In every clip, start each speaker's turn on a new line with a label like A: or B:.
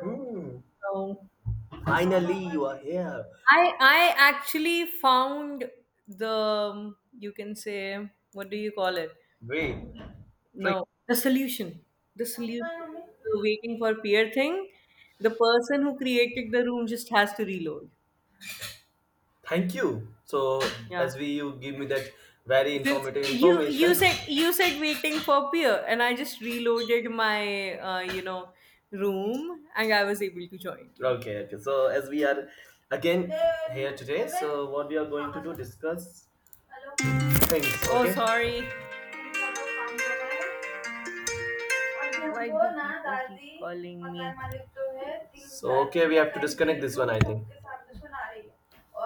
A: Hmm.
B: Um,
A: Finally, you are here.
B: I actually found the you can say what do you call it?
A: Great. Great.
B: No, the solution. The solution. The waiting for peer thing. The person who created the room just has to reload.
A: Thank you. So, as
B: Yeah.
A: we you give me that very
B: Since
A: informative
B: you
A: information.
B: said you said waiting for peer, and I just reloaded my room, and I was able to join.
A: Okay. Okay. So, as we are again here today, so what we are going to do discuss things.
B: Oh,
A: Okay.
B: sorry. Why do people keep calling me?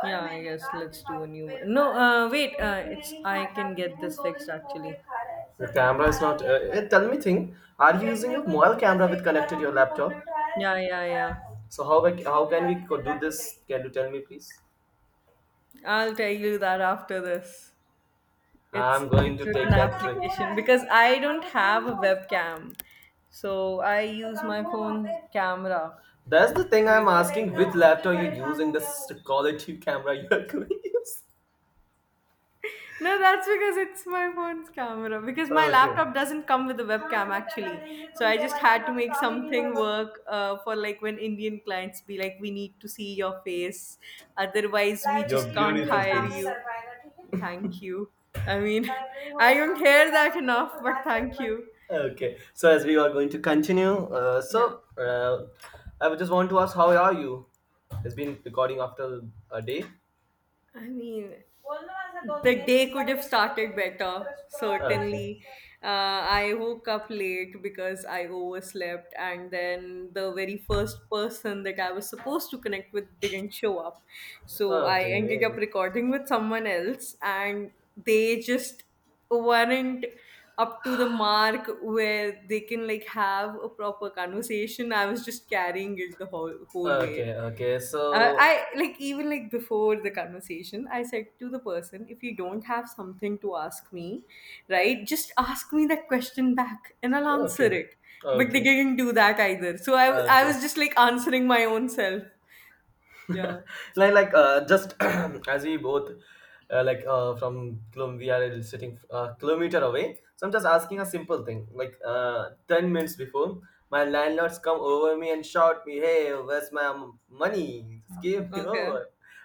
B: Yeah, I guess let's do a new one. No, wait. It's I can get this fixed actually.
A: The is not. हैं tell me, thing. Are using
B: Yeah, yeah, yeah.
A: So how do Can you tell me, please?
B: I'll tell you that after this. It's
A: I'm going
B: it's
A: to
B: with an application because I don't have a webcam, so I use my phone's camera
A: That's the thing
B: to
A: I'm
B: make this thing
A: asking,
B: work.
A: which laptop you're using, the quality camera you're going to use.
B: No, that's because it's my phone's camera. Because my
A: Okay.
B: laptop doesn't come with a webcam actually. So I just had to make something work for like when Indian clients be like, we need to see your face. Otherwise, we
A: Your
B: just can't
A: beautiful
B: hire
A: face.
B: you. Thank you. I mean, I don't hear that enough, but thank you.
A: Okay. So, as we are going to continue,
B: No,
A: I just want to ask, how are you? It's been recording after a day.
B: I mean, the day could have started better
A: Okay.
B: certainly. I woke up late because I overslept, and then the very first person that I was supposed to connect with didn't show up, so I ended up
A: Okay.
B: recording with someone else, and they just weren't up to the mark where they can like have a proper conversation. I was just carrying it the whole way.
A: Okay. Okay. So,
B: I like even like before the conversation, I said to the person, if you don't have something to ask me, right, just ask me that question back and I'll answer
A: okay.
B: it. But they
A: Okay.
B: didn't do that either. So I
A: Okay.
B: was just like answering my own self. Yeah.
A: Just as we both like from we are sitting a kilometer away, so I'm just asking a simple thing like 10 minutes before my landlords come over me and shout me, hey, where's my money, just give me
B: Okay.
A: over.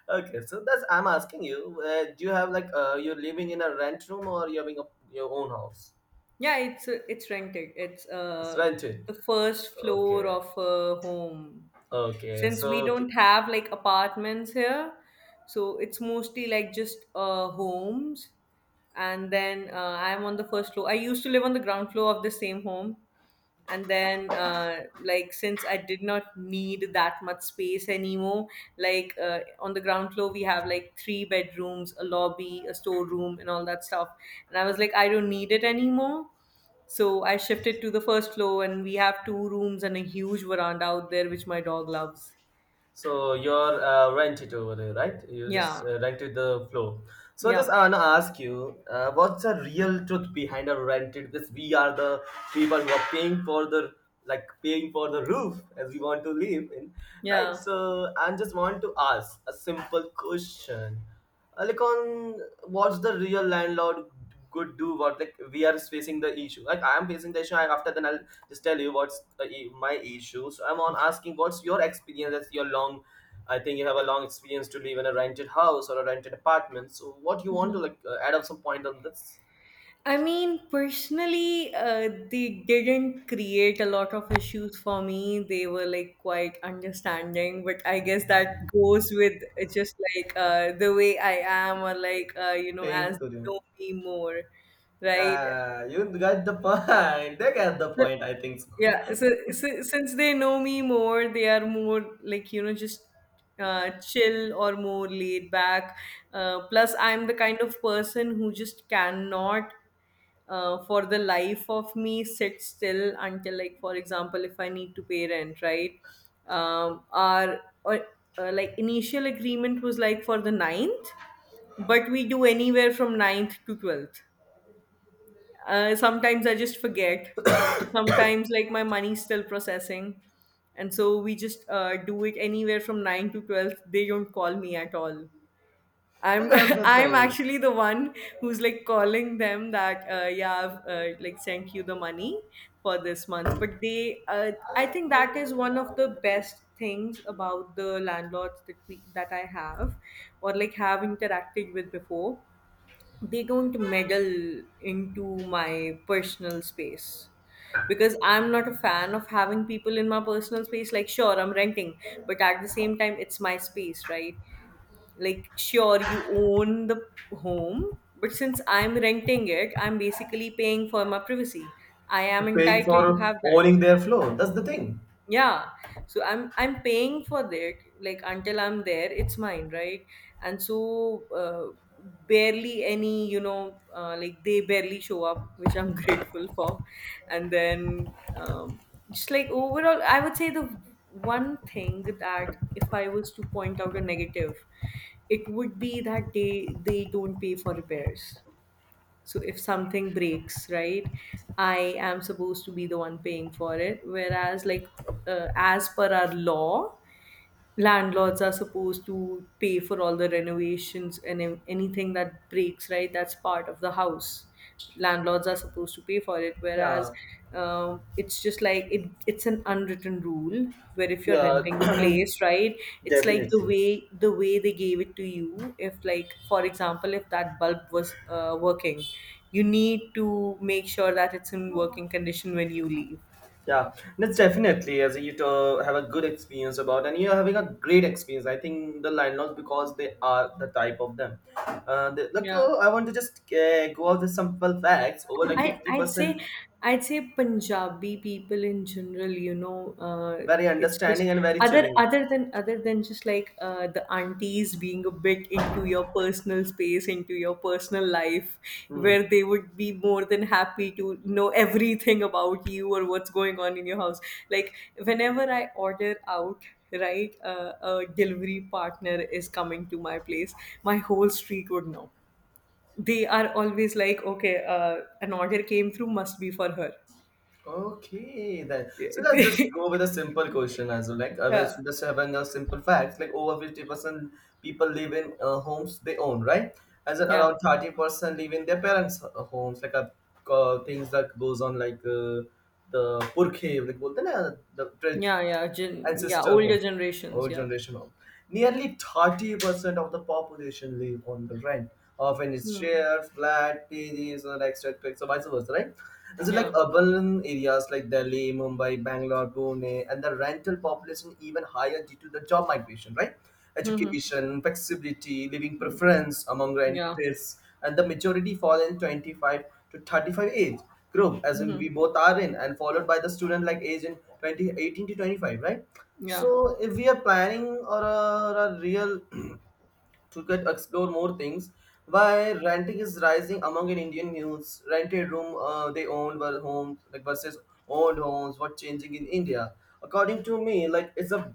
A: Okay, so that's I'm asking you, do you have like you're living in a rent room, or you're having a, your own house?
B: Yeah, it's rented. It's
A: It's rented.
B: the first floor
A: Okay,
B: of a home.
A: okay,
B: Since
A: so
B: we
A: okay.
B: don't have like apartments here, so it's mostly like just homes, and then I'm on the first floor. I used to live on the ground floor of the same home, and then like since I did not need that much space anymore, like on the ground floor we have like three bedrooms, a lobby, a storeroom and all that stuff, and I was like I don't need it anymore. So I shifted to the first floor and we have two rooms and a huge veranda out there which my dog loves.
A: So you're rented over there, right? You just
B: Yeah,
A: rented the floor. So I just
B: yeah,
A: want to ask you, what's the real truth behind a rented? Because we are the people who are paying for the, like paying for the roof as we want to live in, right?
B: yeah.
A: So I just want to ask a simple question. Like on, what's the real landlord could do, what like we are facing the issue, like I am facing the issue, and after then I'll just tell you what's the, my issue. So I'm on asking what's your experience. That's your long, I think you have a long experience to live in a rented house or a rented apartment. So what you want to like add up some point on this?
B: I mean, personally, they didn't create a lot of issues for me. They were like quite understanding, but I guess that goes with just like the way I am, or like you know,
A: Paying
B: as
A: to
B: they
A: them.
B: know me more, right?
A: Ah, you got the point. They got the
B: So,
A: point, I think so.
B: yeah, so, so since they know me more they are more like you know just chill or more laid back. Plus I'm the kind of person who just cannot for the life of me sit still. Until, like, for example, if I need to pay rent, right, our or, like initial agreement was like for the ninth, but we do anywhere from ninth to 12th. Sometimes I just forget. Sometimes, like, my money's still processing. And so we just do it anywhere from 9 to 12. They don't call me at all.
A: So
B: I'm
A: that's the
B: I'm
A: thing.
B: actually the one who's like calling them that yeah I've like sent you the money for this month. But they I think that is one of the best things about the landlords that we that I have or like have interacted with before. They don't meddle into my personal space, because I'm not a fan of having people in my personal space. Like, sure, I'm renting, but at the same time it's my space, right? Like sure you own the home, but since I'm renting it I'm basically paying for my privacy. I am
A: You're paying
B: entitled to
A: for
B: have that.
A: owning their floor. That's the thing.
B: Yeah, so I'm paying for that, like until I'm there it's mine, right? And so barely any you know like they barely show up, which I'm grateful for. And then um, just like overall I would say the one thing that if I was to point out a negative, it would be that they don't pay for repairs. So if something breaks, right, I am supposed to be the one paying for it, whereas like, as per our law, landlords are supposed to pay for all the renovations and anything that breaks, right, that's part of the house. Landlords are supposed to pay for it, whereas
A: Yeah.
B: it's just like it's an unwritten rule where if you're renting a
A: Yeah,
B: place, right, it's like
A: definitely.
B: the way they gave it to you. If, like, for example, if that bulb was working, you need to make sure that it's in working condition when you leave.
A: Yeah, that's definitely as you to have a good experience about, and you're having a great experience. I think the landlords, because they are the type of them. They, look,
B: Yeah,
A: I want to just go out with some simple facts over like
B: I
A: fifty
B: I'd say,
A: percent,
B: I'd say Punjabi people in general, you know,
A: very
B: it's just
A: understanding and very chilling.
B: other than just like the aunties being a bit into your personal space, into your personal life,
A: Hmm.
B: where they would be more than happy to know everything about you or what's going on in your house. Like whenever I order out, right, a delivery partner is coming to my place. My whole street would know. They are always like, okay, an order came through, must be for her.
A: Okay, then. So let's just
B: Yeah,
A: go with a simple question as well. Like, we're
B: yeah,
A: just having a simple fact. Like, over 50% people live in homes they own, right? As in around 30% live in their parents' homes. Like, things that goes on like the purkhe, like, बोलते हैं ना, the
B: yeah, yeah, gen- yeah.
A: ancestor
B: Older
A: home,
B: generations,
A: old
B: yeah,
A: generation home. Nearly 30% of the population live on the rent, often it's
B: hmm.
A: share, flat, PDs, or extra or vice versa, right? This is like
B: Yeah,
A: urban areas like Delhi, Mumbai, Bangalore, Pune, and the rental population even higher due to the job migration, right?
B: hmm.
A: Education, flexibility, living preference among
B: Yeah,
A: renters, and the majority fall in 25 to 35 age group, as in
B: hmm.
A: we both are in, and followed by the student like age in 2018 to 25, right?
B: Yeah.
A: So if we are planning or a real to get explore more things. Why renting is rising among an Indian youths. Rented room they owned were homes like versus owned homes. What changing in India? According to me, like it's a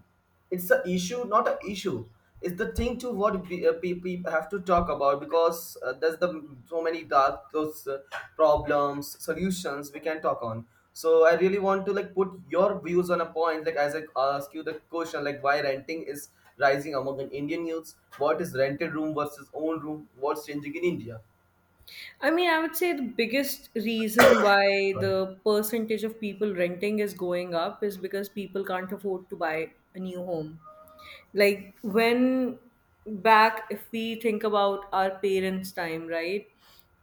A: it's a issue, not an issue. It's the thing to what we, people have to talk about, because there's the so many dark those problems solutions we can talk on. So I really want to like put your views on a point, like as I ask you the question, like why renting is rising among the Indian youths. What is rented room versus own room? What's changing in India?
B: I mean, I would say the biggest reason why the percentage of people renting is going up is because people can't afford to buy a new home. Like, when back, if we think about our parents' time, right?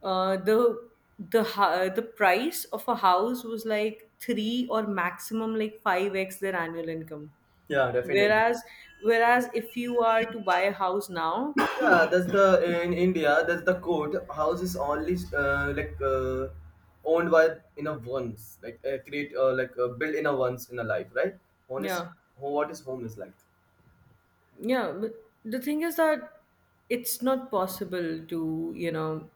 B: Uh, the the price of a house was like three or maximum like five x their annual income.
A: Yeah, definitely.
B: Whereas, whereas if you are to buy a house now,
A: Yeah, that's the in India. That's the code. House is only owned by in a once, like create built in a once in a life, right? Home is
B: yeah.
A: what is home is like.
B: Yeah, but the thing is that it's not possible to, you know,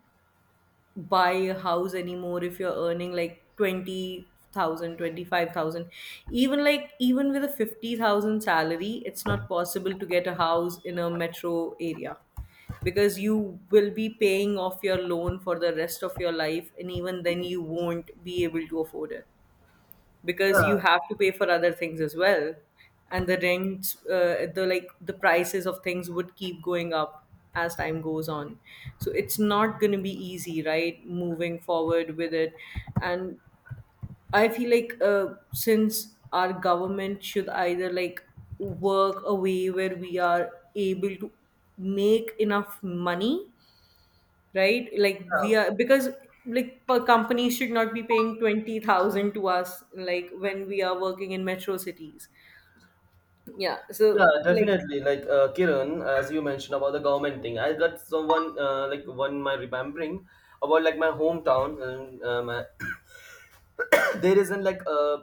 B: buy a house anymore if you're earning like 20,000, 25,000. Even like, even with a 50,000 salary, it's not possible to get a house in a metro area, because you will be paying off your loan for the rest of your life, and even then, you won't be able to afford it, because you have to pay for other things as well, and the rent, the like the prices of things would keep going up as time goes on. So it's not going to be easy, right, moving forward with it. And I feel like since our government should either like work a way where we are able to make enough money, right? Like we
A: Yeah,
B: are because, like, per companies should not be paying 20,000 to us like when we are working in metro cities. Yeah. So
A: yeah,
B: like
A: definitely. Like Kiran, as you mentioned about the government thing, I got someone like one my remembering about like my hometown and my there isn't like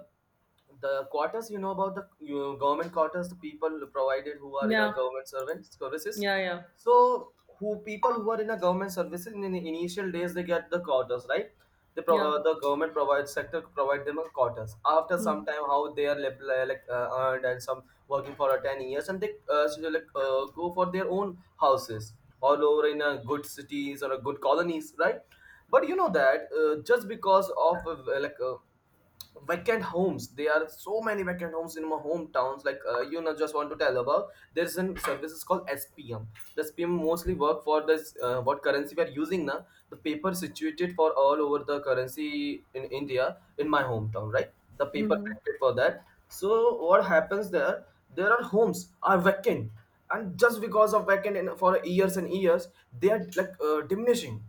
A: the quarters, you know about the you government quarters, the people provided who are in a
B: yeah.
A: government servant services.
B: Yeah, yeah.
A: So who people who are in a government services, in the initial days they get the quarters, right? They
B: Yeah.
A: the government provides sector provide them a quarters. After some time, how they are like earned and some working for 10 years, and they so they, like go for their own houses all over in good cities or good colonies, right? But you know that just because of vacant homes, there are so many vacant homes in my hometowns, like you know, just want to tell about there's an services called SPM. The SPM mostly work for this what currency we are using now. The paper situated for all over the currency in India in my hometown, right? The paper
B: Mm-hmm.
A: printed for that. So what happens there, there are homes are vacant, and just because of vacant in, for years and years, they are like diminishing.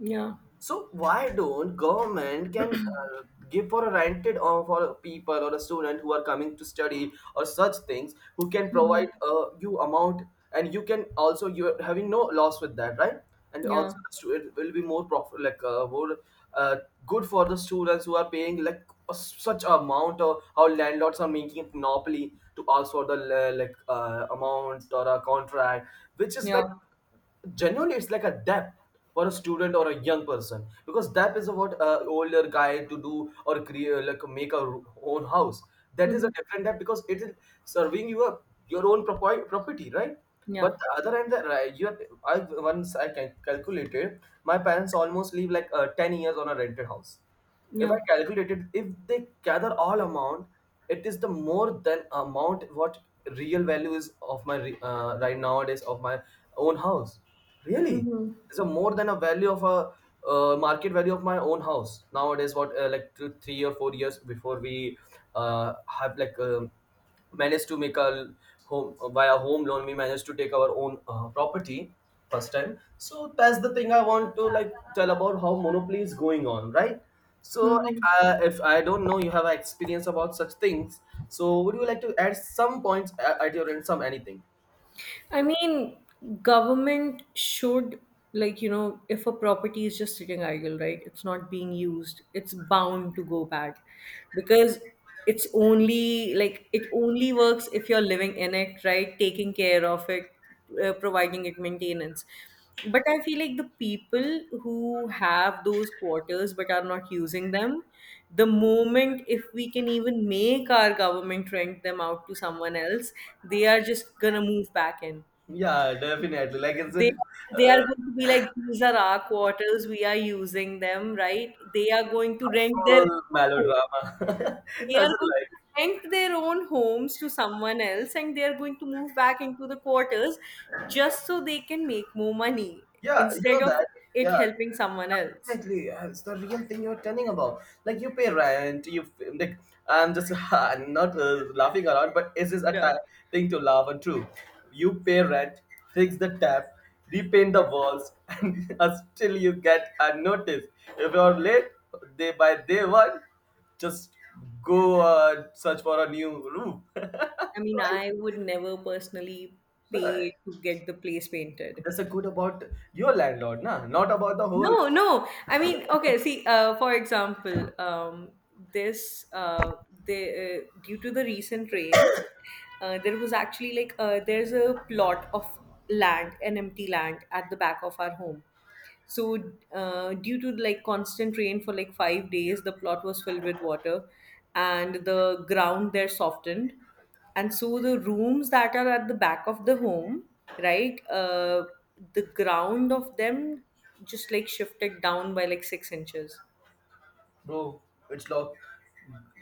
B: Yeah.
A: So why don't government can give for a rented or for a people or a student who are coming to study or such things, who can
B: Mm-hmm.
A: provide you amount, and you can also you are having no loss with that, right? And
B: Yeah.
A: also the student will be more profit, like more uh, good for the students, who are paying like a, such amount. Or how landlords are making it monopoly to ask for the amount or a contract which is like
B: Yeah.
A: genuinely it's like a depth for a student or a young person. Because depth is what older guy to do or create, like make a own house. That is
B: Mm-hmm.
A: a different depth, because it is serving you a your own property, right?
B: Yeah.
A: But the other end that, right, you have, I once I can calculated my parents almost live like 10 years on a rented house. If I
B: Yeah.
A: calculated, if they gather all amount, it is the more than amount what real value is of my right nowadays of my own house. Really,
B: Mm-hmm.
A: it's a more than a value of a market value of my own house nowadays. What like two, 3 or 4 years before we have like. Managed to make a home via home loan, we managed to take our own property first time. So that's the thing, I want to like tell about how monopoly is going on, right? So like,
B: Mm-hmm.
A: if I don't know you have an experience about such things, so would you like to add some points at your end, some anything?
B: I mean, government should, like, you know, if a property is just sitting idle, right, it's not being used, it's bound to go bad, because it's only like it only works if you're living in it, right, taking care of it, providing it maintenance. But I feel like the people who have those quarters but are not using them, the moment if we can even make our government rent them out to someone else, they are just gonna move back in.
A: Yeah, definitely, like is
B: They,
A: it
B: are going to be like these are our quarters, we are using them, right? They are going to rent their,
A: full melodrama?
B: they
A: As
B: are
A: in
B: going to
A: like,
B: rent their own homes to someone else and they are going to move back into the quarters just so they can make more money
A: yeah, you
B: instead
A: know
B: of
A: that.
B: it
A: Yeah,
B: helping someone else.
A: definitely. It's the real thing you're telling about. Like, you pay rent, you like. I'm just I'm not laughing around, but this is a
B: Yeah.
A: thing to laugh and true. You pay rent, fix the tap, repaint the walls, and still you get a notice. If you're late, day by day one, just go search for a new room.
B: I mean,
A: Right?
B: I would never personally
A: But
B: pay to get the place painted.
A: that's a good about your landlord, nah? Not about the whole
B: No, no. I mean, okay, see, for example, this the due to the recent rains, there was actually like there's a plot of land, an empty land at the back of our home. So, due to like constant rain for like 5 days, the plot was filled with water, and the ground there softened, and so the rooms that are at the back of the home, right, the ground of them just like shifted down by like 6 inches.
A: bro, it's locked.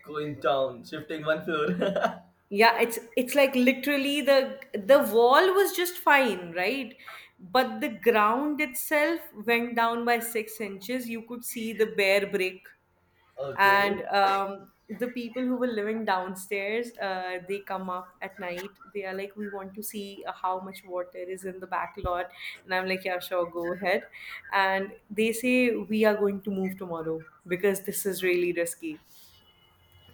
A: Going down, shifting one floor.
B: Yeah, it's like literally the wall was just fine, right, but the ground itself went down by 6 inches. You could see the bare brick.
A: Okay.
B: And the people who were living downstairs, they come up at night. They are like, we want to see how much water is in the back lot. And I'm like, yeah, sure, go ahead. And they say, we are going to move tomorrow because this is really risky.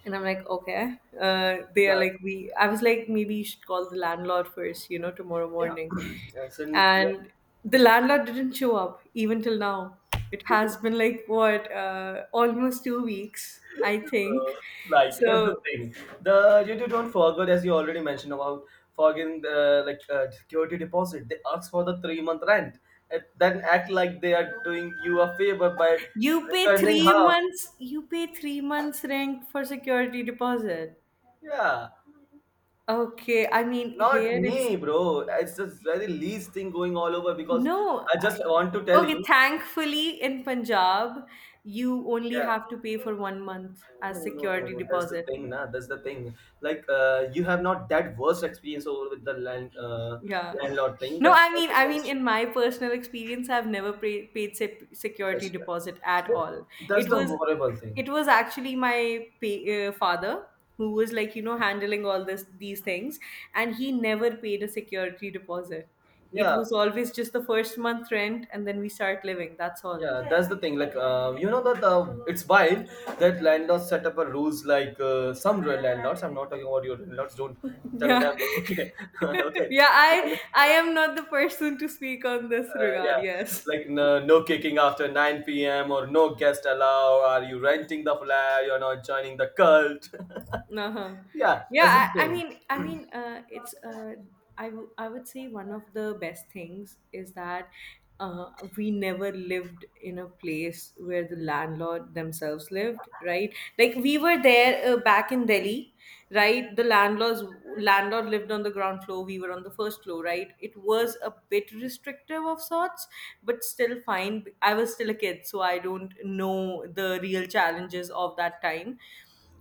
B: And I'm like, okay. They are
A: Yeah,
B: like, we. I was like, maybe you should call the landlord first, you know, tomorrow
A: yeah.
B: morning.
A: Yes, and yeah,
B: And the landlord didn't show up even till now. It has been like what, almost 2 weeks, I think.
A: uh, like that's the
B: So
A: thing. The you, you don't forget, as you already mentioned about forgetting the like security deposit. They ask for the 3 month rent, and then act like they are doing you a favor by
B: you pay
A: returning
B: three
A: half.
B: months. You pay 3 months rent for security deposit.
A: Yeah,
B: Okay, I mean
A: not
B: here it's
A: me, bro. It's the very least thing going all over, because
B: No,
A: I
B: I,
A: just want to tell
B: Okay,
A: you.
B: thankfully in Punjab, you only
A: Yeah.
B: have to pay for 1 month
A: No,
B: as
A: no, no,
B: security
A: no. That's the
B: deposit.
A: thing, nah. That's the thing. Like, you have not that worst experience over with the
B: Yeah.
A: landlord thing,
B: No,
A: but you can
B: in my personal experience, I've never paid security
A: just, yeah.
B: deposit at
A: So
B: all.
A: that's
B: It
A: the
B: was,
A: horrible thing.
B: it was actually my father who was like, you know, handling all this these things, and he never paid a security deposit. It
A: Yeah,
B: was always just the first month rent, and then we start living. That's all.
A: yeah. That's the thing. Like, you know that it's wild that landlords set up a rules like some real landlords. I'm not talking about your landlords. Don't tell
B: Yeah.
A: them. Okay, okay.
B: Yeah, I am not the person to speak on this regard.
A: Yeah,
B: Yes.
A: like no, no kicking after 9 p.m. or no guest allowed. Are you renting the flat? You're not joining the cult.
B: Uh-huh.
A: Yeah, as a
B: Yeah,
A: thing.
B: it's I would say one of the best things is that uh, we never lived in a place where the landlord themselves lived, right? Like we were there back in Delhi, right? The landlord lived on the ground floor, we were on the first floor, right? It was a bit restrictive of sorts, but still fine. I was still a kid, so I don't know the real challenges of that time,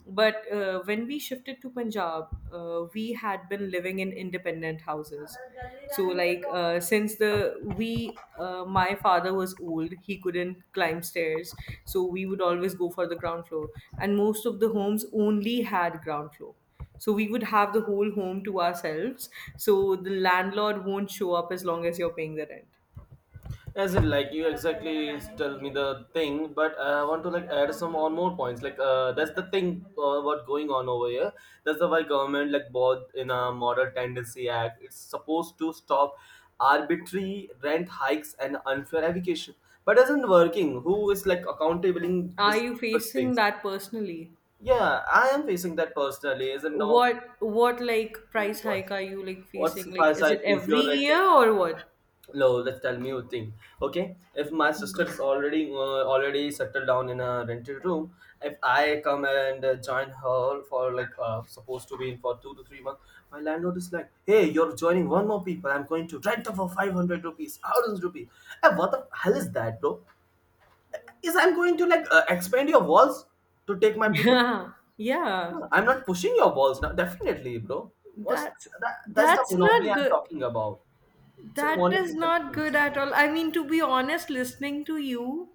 B: but when we shifted to Punjab, we had been living in independent houses. So like since the we my father was old, he couldn't climb stairs, so we would always go for the ground floor. And most of the homes only had ground floor. So we would have the whole home to ourselves. So the landlord won't show up as long as you're paying the rent.
A: As in, like you exactly tell me the thing, but I want to like add some on more points. That's the thing what going on over here. That's the why government like both in a Model Tendency Act, it's supposed to stop arbitrary rent hikes and unfair eviction. But isn't working. Who is like accountabiling
B: Are
A: this
B: you
A: such
B: facing
A: things?
B: that personally?
A: Yeah, I am facing that personally. Isn't no
B: What like price
A: what?
B: hike are you like
A: What's
B: facing?
A: if I
B: Like, is it
A: say if
B: every
A: you're renting?
B: year or what?
A: No, let's tell me a thing. Okay, if my sister is already already settled down in a rented room, if I come and join her for supposed to be in for 2 to 3 months, my landlord is like, "Hey, you're joining one more people. I'm going to rent her for 500 rupees, thousand rupees." Hey, what the hell is that, bro? Is I'm going to expand your walls to take my place?
B: Yeah, yeah.
A: I'm not pushing your balls now. Definitely, bro. What's
B: That's
A: that? That's the
B: that's
A: monopoly
B: not
A: I'm
B: good.
A: talking about. So
B: That is
A: monopoly
B: not
A: continues.
B: good at all. I mean, to be honest, listening to you,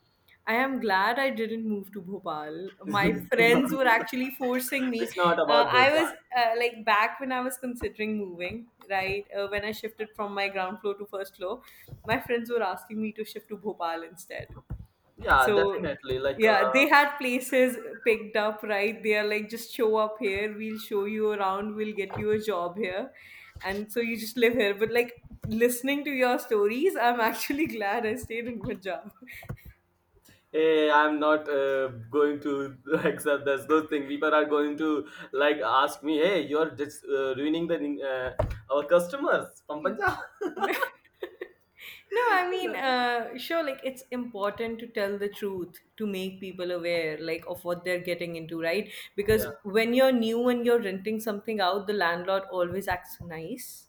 B: I am glad I didn't move to Bhopal. My friends were actually forcing me.
A: It's not about
B: I
A: Bhopal.
B: was like back when I was considering moving, right? When I shifted from my ground floor to first floor, my friends were asking me to shift to Bhopal instead.
A: Yeah,
B: So
A: definitely. Like,
B: yeah, they had places picked up, right? They are like, just show up here, we'll show you around, we'll get you a job here. And so you just live here. But like listening to your stories, I'm actually glad I stayed in Punjab.
A: hey, I'm not going to accept this. Those thing people are going to like ask me, hey, you're just ruining the our customers from
B: In-
A: Punjab.
B: No, I mean, sure, like it's important to tell the truth to make people aware, like, of what they're getting into, right? Because
A: Yeah,
B: when you're new and you're renting something out, the landlord always acts nice,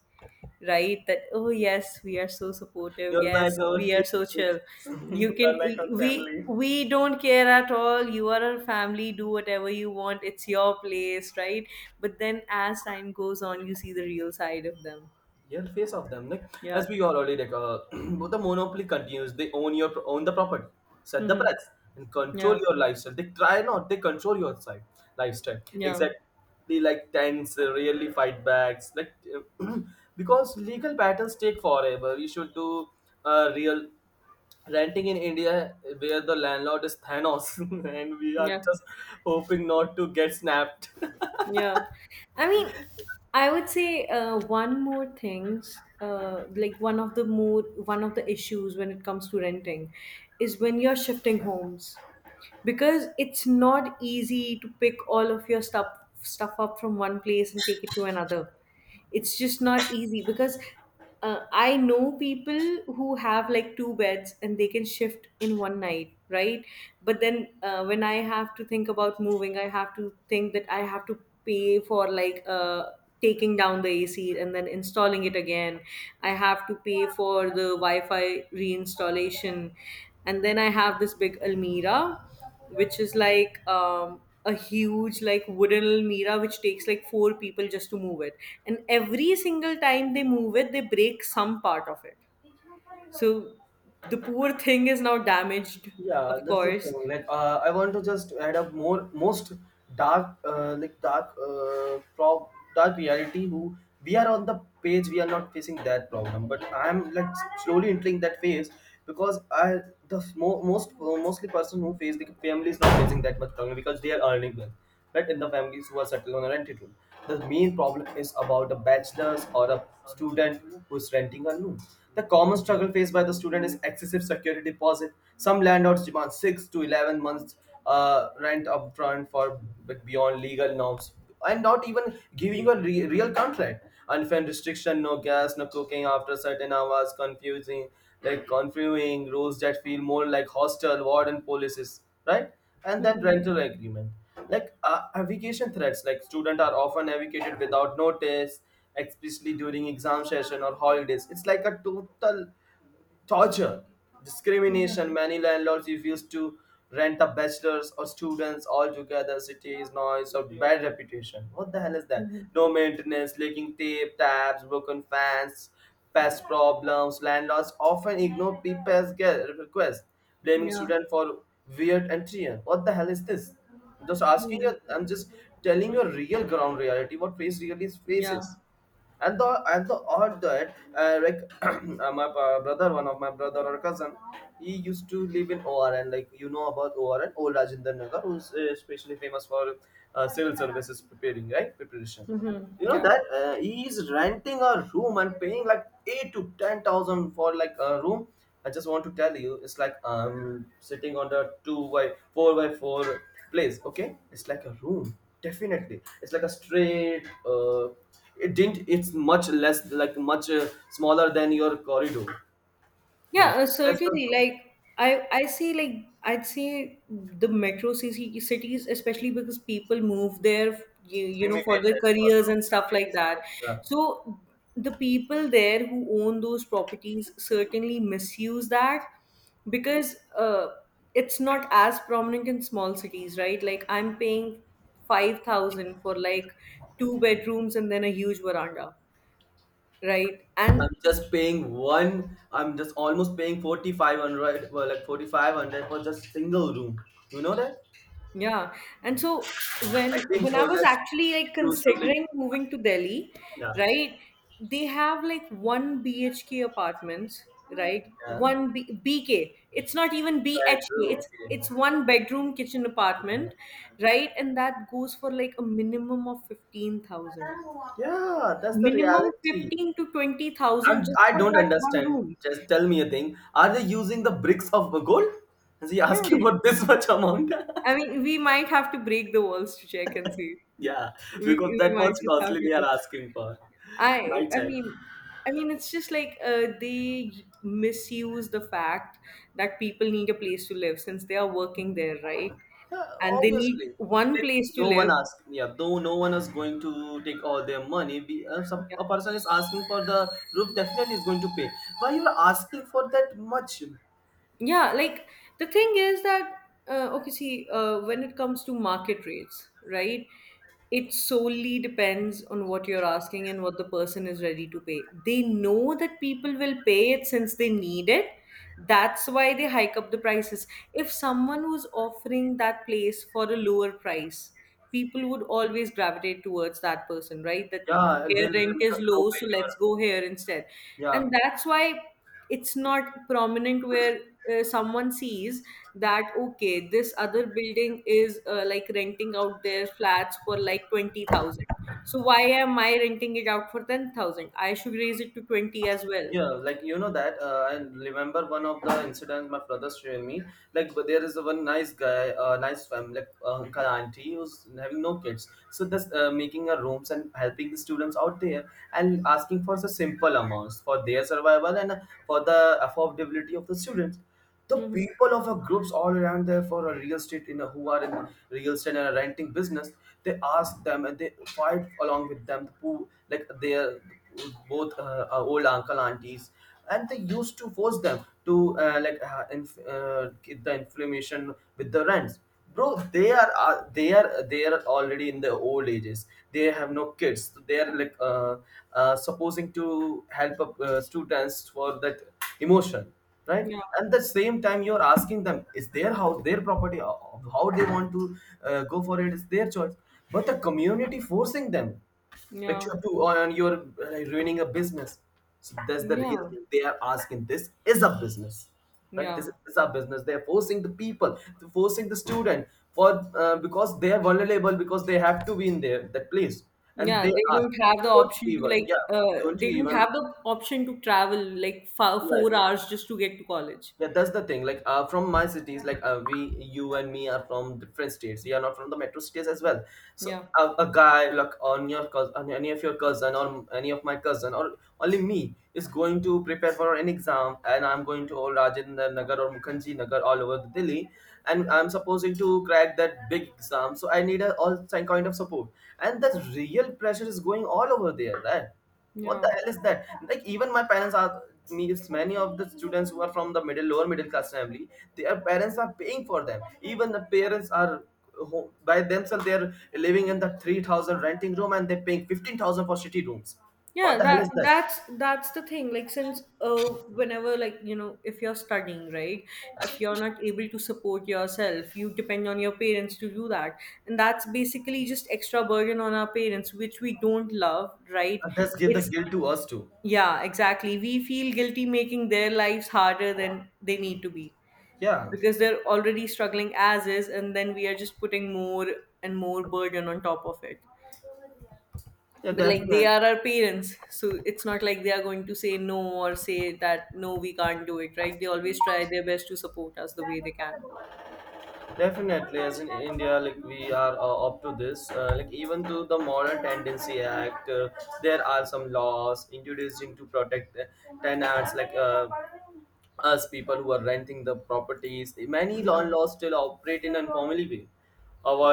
B: right? That, oh, yes, we are so supportive.
A: you're like
B: Yes,
A: our
B: we are so
A: kids.
B: chill. You can,
A: You're like our family.
B: we don't care at all. You are our family. Do whatever you want. It's your place, right? But then as time goes on, you see the real side of them.
A: Yeah, the face of them. Like as
B: Yeah.
A: we all already like, the monopoly continues. They own your own the property, set the
B: Mhm.
A: price, and control
B: Yeah.
A: your lifestyle. They try not. They control your side lifestyle.
B: Yeah.
A: Exactly like tense, they really fight backs. Like uh, because legal battles take forever. You should do real renting in India where the landlord is Thanos, and we are
B: Yeah.
A: just hoping not to get snapped.
B: Yeah. I mean, I would say one more things, like one of the issues when it comes to renting is when you're shifting homes. Because it's not easy to pick all of your stuff up from one place and take it to another. It's just not easy because I know people who have like two beds and they can shift in one night, right? But then when I have to think about moving, I have to think that I have to pay for like taking down the AC and then installing it again. I have to pay for the Wi-Fi reinstallation, and then I have this big almira, which is like a huge like wooden almirah, which takes like four people just to move it, and every single time they move it they break some part of it. So the poor thing is now damaged.
A: Yeah,
B: Of
A: that's the
B: course.
A: thing. Like, I want to just add up more most dark, like dark, prob dark reality. Who we are on the page, we are not facing that problem. But I'm like slowly entering that phase because I the mo- most mostly person who face the family is not facing that much problem because they are earning well, right? In the families who are settled on a rented room, the main problem is about a bachelor's or a student who's renting a room. The common struggle faced by the student is excessive security deposit. Some landlords demand 6 to 11 months rent upfront for but beyond legal norms, and not even giving you a real contract. Unfair restriction, no gas, no cooking after certain hours, confusing confusing rules that feel more like hostel warden policies, right? And then
B: Hmm.
A: rental agreement. Like eviction threats, like students are often evicted without notice, especially during exam session or holidays. It's like a total torture,
B: Hmm.
A: discrimination. Many landlords refuse to rent the bachelors or students altogether. Cities, noise, or bad reputation. What the hell is
B: Hmm.
A: that?
B: Hmm.
A: No maintenance, leaking tape, taps, broken fans, pest problems. Landlords often ignore people's requests, blaming
B: Yeah.
A: students for weird entry. What the hell is this? Just asking
B: Hmm.
A: you, I'm just telling you a real ground reality. What face really is
B: Yeah.
A: faces, and the odd that like my brother one of my brother or cousin, he used to live in ORN. Like, you know about ORN, old Rajinder Nagar, who's especially famous for civil services preparing, right? Preparation,
B: Hmm.
A: you know
B: Yeah.
A: that he is renting a room and paying like 8 to 10,000 for like a room. I just want to tell you, it's like sitting on the 2 by 4 by 4 place, okay? It's like a room, definitely. It's like a straight uh, it didn't, it's much less, like much smaller than your corridor,
B: Yeah,
A: please. That's the
B: certainly. Like I see. Like I'd say the metro city cities, especially because people move there, you know, for
A: imitate
B: their
A: that for the
B: careers and stuff like
A: students.
B: that.
A: Yeah,
B: So the people there who own those properties certainly misuse that because it's not as prominent in small cities, right? Like I'm paying 5,000 for like two bedrooms and then a huge veranda, right? And
A: I'm just almost paying 4500, well, like 4500 for just single room, you know that?
B: yeah. And
A: I think,
B: when I
A: oh,
B: was
A: that's
B: actually like
A: used to like,
B: considering moving to Delhi,
A: yeah.
B: right? They have like one BHK apartments, right?
A: Yeah,
B: BK. It's not even BHK.
A: bedroom, okay.
B: It's one bedroom kitchen
A: Yeah.
B: apartment, right? And that goes for like a minimum of 15,000.
A: Yeah, that's the
B: Minimum
A: reality.
B: 15 to 20,000
A: I'm,
B: just
A: I
B: for
A: do not
B: that one
A: understand.
B: room.
A: Just tell me a thing. Are they using the bricks of gold? Is he
B: Yeah.
A: asking for this much amount?
B: I mean, we might have to break the walls to check and see.
A: Yeah, because
B: We
A: that
B: might
A: much
B: just have
A: costly
B: to
A: they are
B: do that.
A: asking for.
B: I
A: My
B: I
A: child.
B: mean I mean it's just like they misuse the fact that people need a place to live since they are working there, right?
A: Yeah,
B: And they
A: obviously.
B: need one
A: Like,
B: place to
A: no one
B: live.
A: asked. Yeah, though no one is going to take all their money. Be, some, a person is asking for the roof, definitely is going to pay. Why you are asking for that much?
B: Yeah, like the thing is that, okay, see, when it comes to market rates, right? It solely depends on what you're asking and what the person is ready to pay. They know that people will pay it since they need it. That's why they hike up the prices. If someone was offering that place for a lower price, people would always gravitate towards that person, right? That
A: Yeah,
B: their
A: they'll
B: rent
A: make
B: is
A: a no
B: low,
A: pay.
B: so
A: You
B: let's go here instead.
A: are, yeah.
B: And that's why it's not prominent where someone sees that, okay, this other building is like renting out their flats for like 20,000, so why am I renting it out for 10,000? I should raise it to 20 as well.
A: Yeah, like you know that. I remember one of the incidents my brother shared me. Like, but there is a one nice guy, nice family, like uncle, auntie, who's having no kids. So this making a rooms and helping the students out there and asking for the simple amounts for their survival and for the affordability of the students, the
B: Hmm.
A: people of our groups all around there for a real estate in a, who are in real estate and a renting business, they ask them and they fight along with them, who, like, they are both are old uncle aunties, and they used to force them to get the inflammation with the rents. Bro, they are already in the old ages. They have no kids, so they are like supposing to help students for that emotion, right?
B: Yeah.
A: And the same time you're asking them, it's their house, their property. How they want to go for it, it's their choice. But the community forcing them, like, you
B: Yeah.
A: have to and you're ruining a business. So that's the real
B: Yeah.
A: thing they are asking, this is a business, right? This
B: Yeah.
A: is a business. They're forcing the people, they're forcing the student for because they are vulnerable, because they have to be in there that place, and
B: Yeah,
A: they
B: they
A: are,
B: don't have the
A: you don't
B: option to
A: even,
B: like
A: yeah, don't you
B: they don't
A: even,
B: have the option to travel like
A: like,
B: 4 hours just to get to college.
A: yeah, that's the thing. Like, from my cities, like we, you and me are from different states. We are not from the metro cities as well. So
B: Yeah.
A: a guy like on your cousin, on any of your cousin or any of my cousin or only me is going to prepare for an exam, and I'm going to all Rajendra Nagar or Mukhanji Nagar all over Delhi, and I'm supposing to crack that big exam. So I need a all some kind of support, and that real pressure is going all over there, right? What the
B: Yeah.
A: hell is that? Like, even my parents are, means many of the students who are from the middle lower middle class family, their parents are paying for them. Even the parents are by themselves, they're living in the 3,000 renting room and they're paying 15,000 for city rooms. What
B: Yeah,
A: the hell is that?
B: that's the thing. Like since whenever, like, you know, if you're studying, right? If you're not able to support yourself, you depend on your parents to do that. And that's basically just extra burden on our parents, which we don't love, right?
A: And this give the
B: It's
A: guilt to us too.
B: Yeah, exactly. We feel guilty making their lives harder than they need to be.
A: Yeah,
B: Because they're already struggling as is, and then we are just putting more and more burden on top of it.
A: yeah,
B: But like they
A: definitely.
B: are our parents, so it's not like they are going to say no or say that no, we can't do it, right? They always try their best to support us the way they can.
A: Definitely, as in India, like we are up to this. Like even to the Modern Tendency Act, there are some laws introducing to protect tenants. Like us people who are renting the properties. Many
B: Yeah,
A: landlords still operate in an informal way,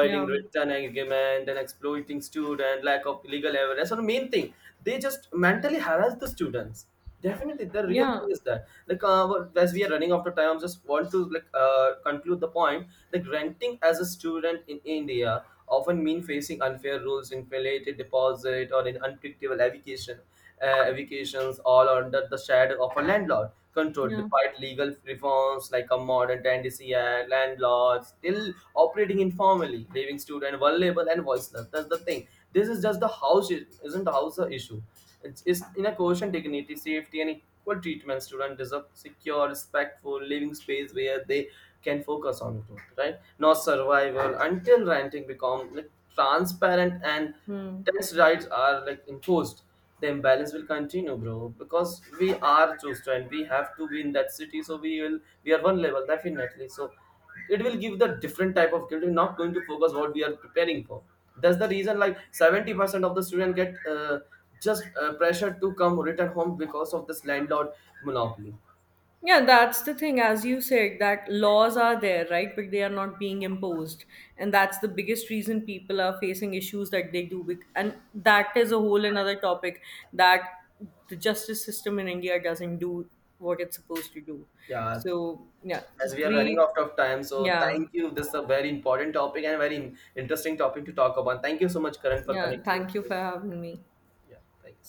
B: yeah,
A: written agreement and exploiting student, lack of legal evidence. So the main thing, they just mentally harass the students. Definitely, the real
B: yeah,
A: thing is that like as we are running out of time, I just want to like conclude the point. Like renting as a student in India often mean facing unfair rules, inflated deposit, or an unpredictable education evictions all under the shadow of a landlord control,
B: yeah.
A: despite legal reforms like a modern tendency and landlords still operating informally, leaving student vulnerable and voiceless. That's the thing, this is just the house, isn't the house the issue. It's in a quotient dignity safety and equal treatment. Student deserve secure respectful living space where they can focus on growth, right? Not survival. Until renting become like transparent and
B: Hmm.
A: tax rights are like imposed, the imbalance will continue, bro. Because we are Chostra and we have to be in that city, so we are one level definitely. So it will give the different type of guilt. We're not going to focus what we are preparing for. That's the reason like 70% of the student get just pressure to come return home because of this landlord monopoly.
B: Yeah, that's the thing, as you said, that laws are there, right? But they are not being imposed. And that's the biggest reason people are facing issues that they do. And that is a whole another topic that the justice system in India doesn't do what it's supposed to do.
A: Yeah,
B: So, yeah,
A: as we are running
B: great.
A: out of time, so
B: Yeah.
A: thank you. This is a very important topic and very interesting topic to talk about. Thank you so much, Karan, for
B: Yeah.
A: connecting
B: Thank you
A: with me.
B: for having me.
A: Yeah, thank you, sir.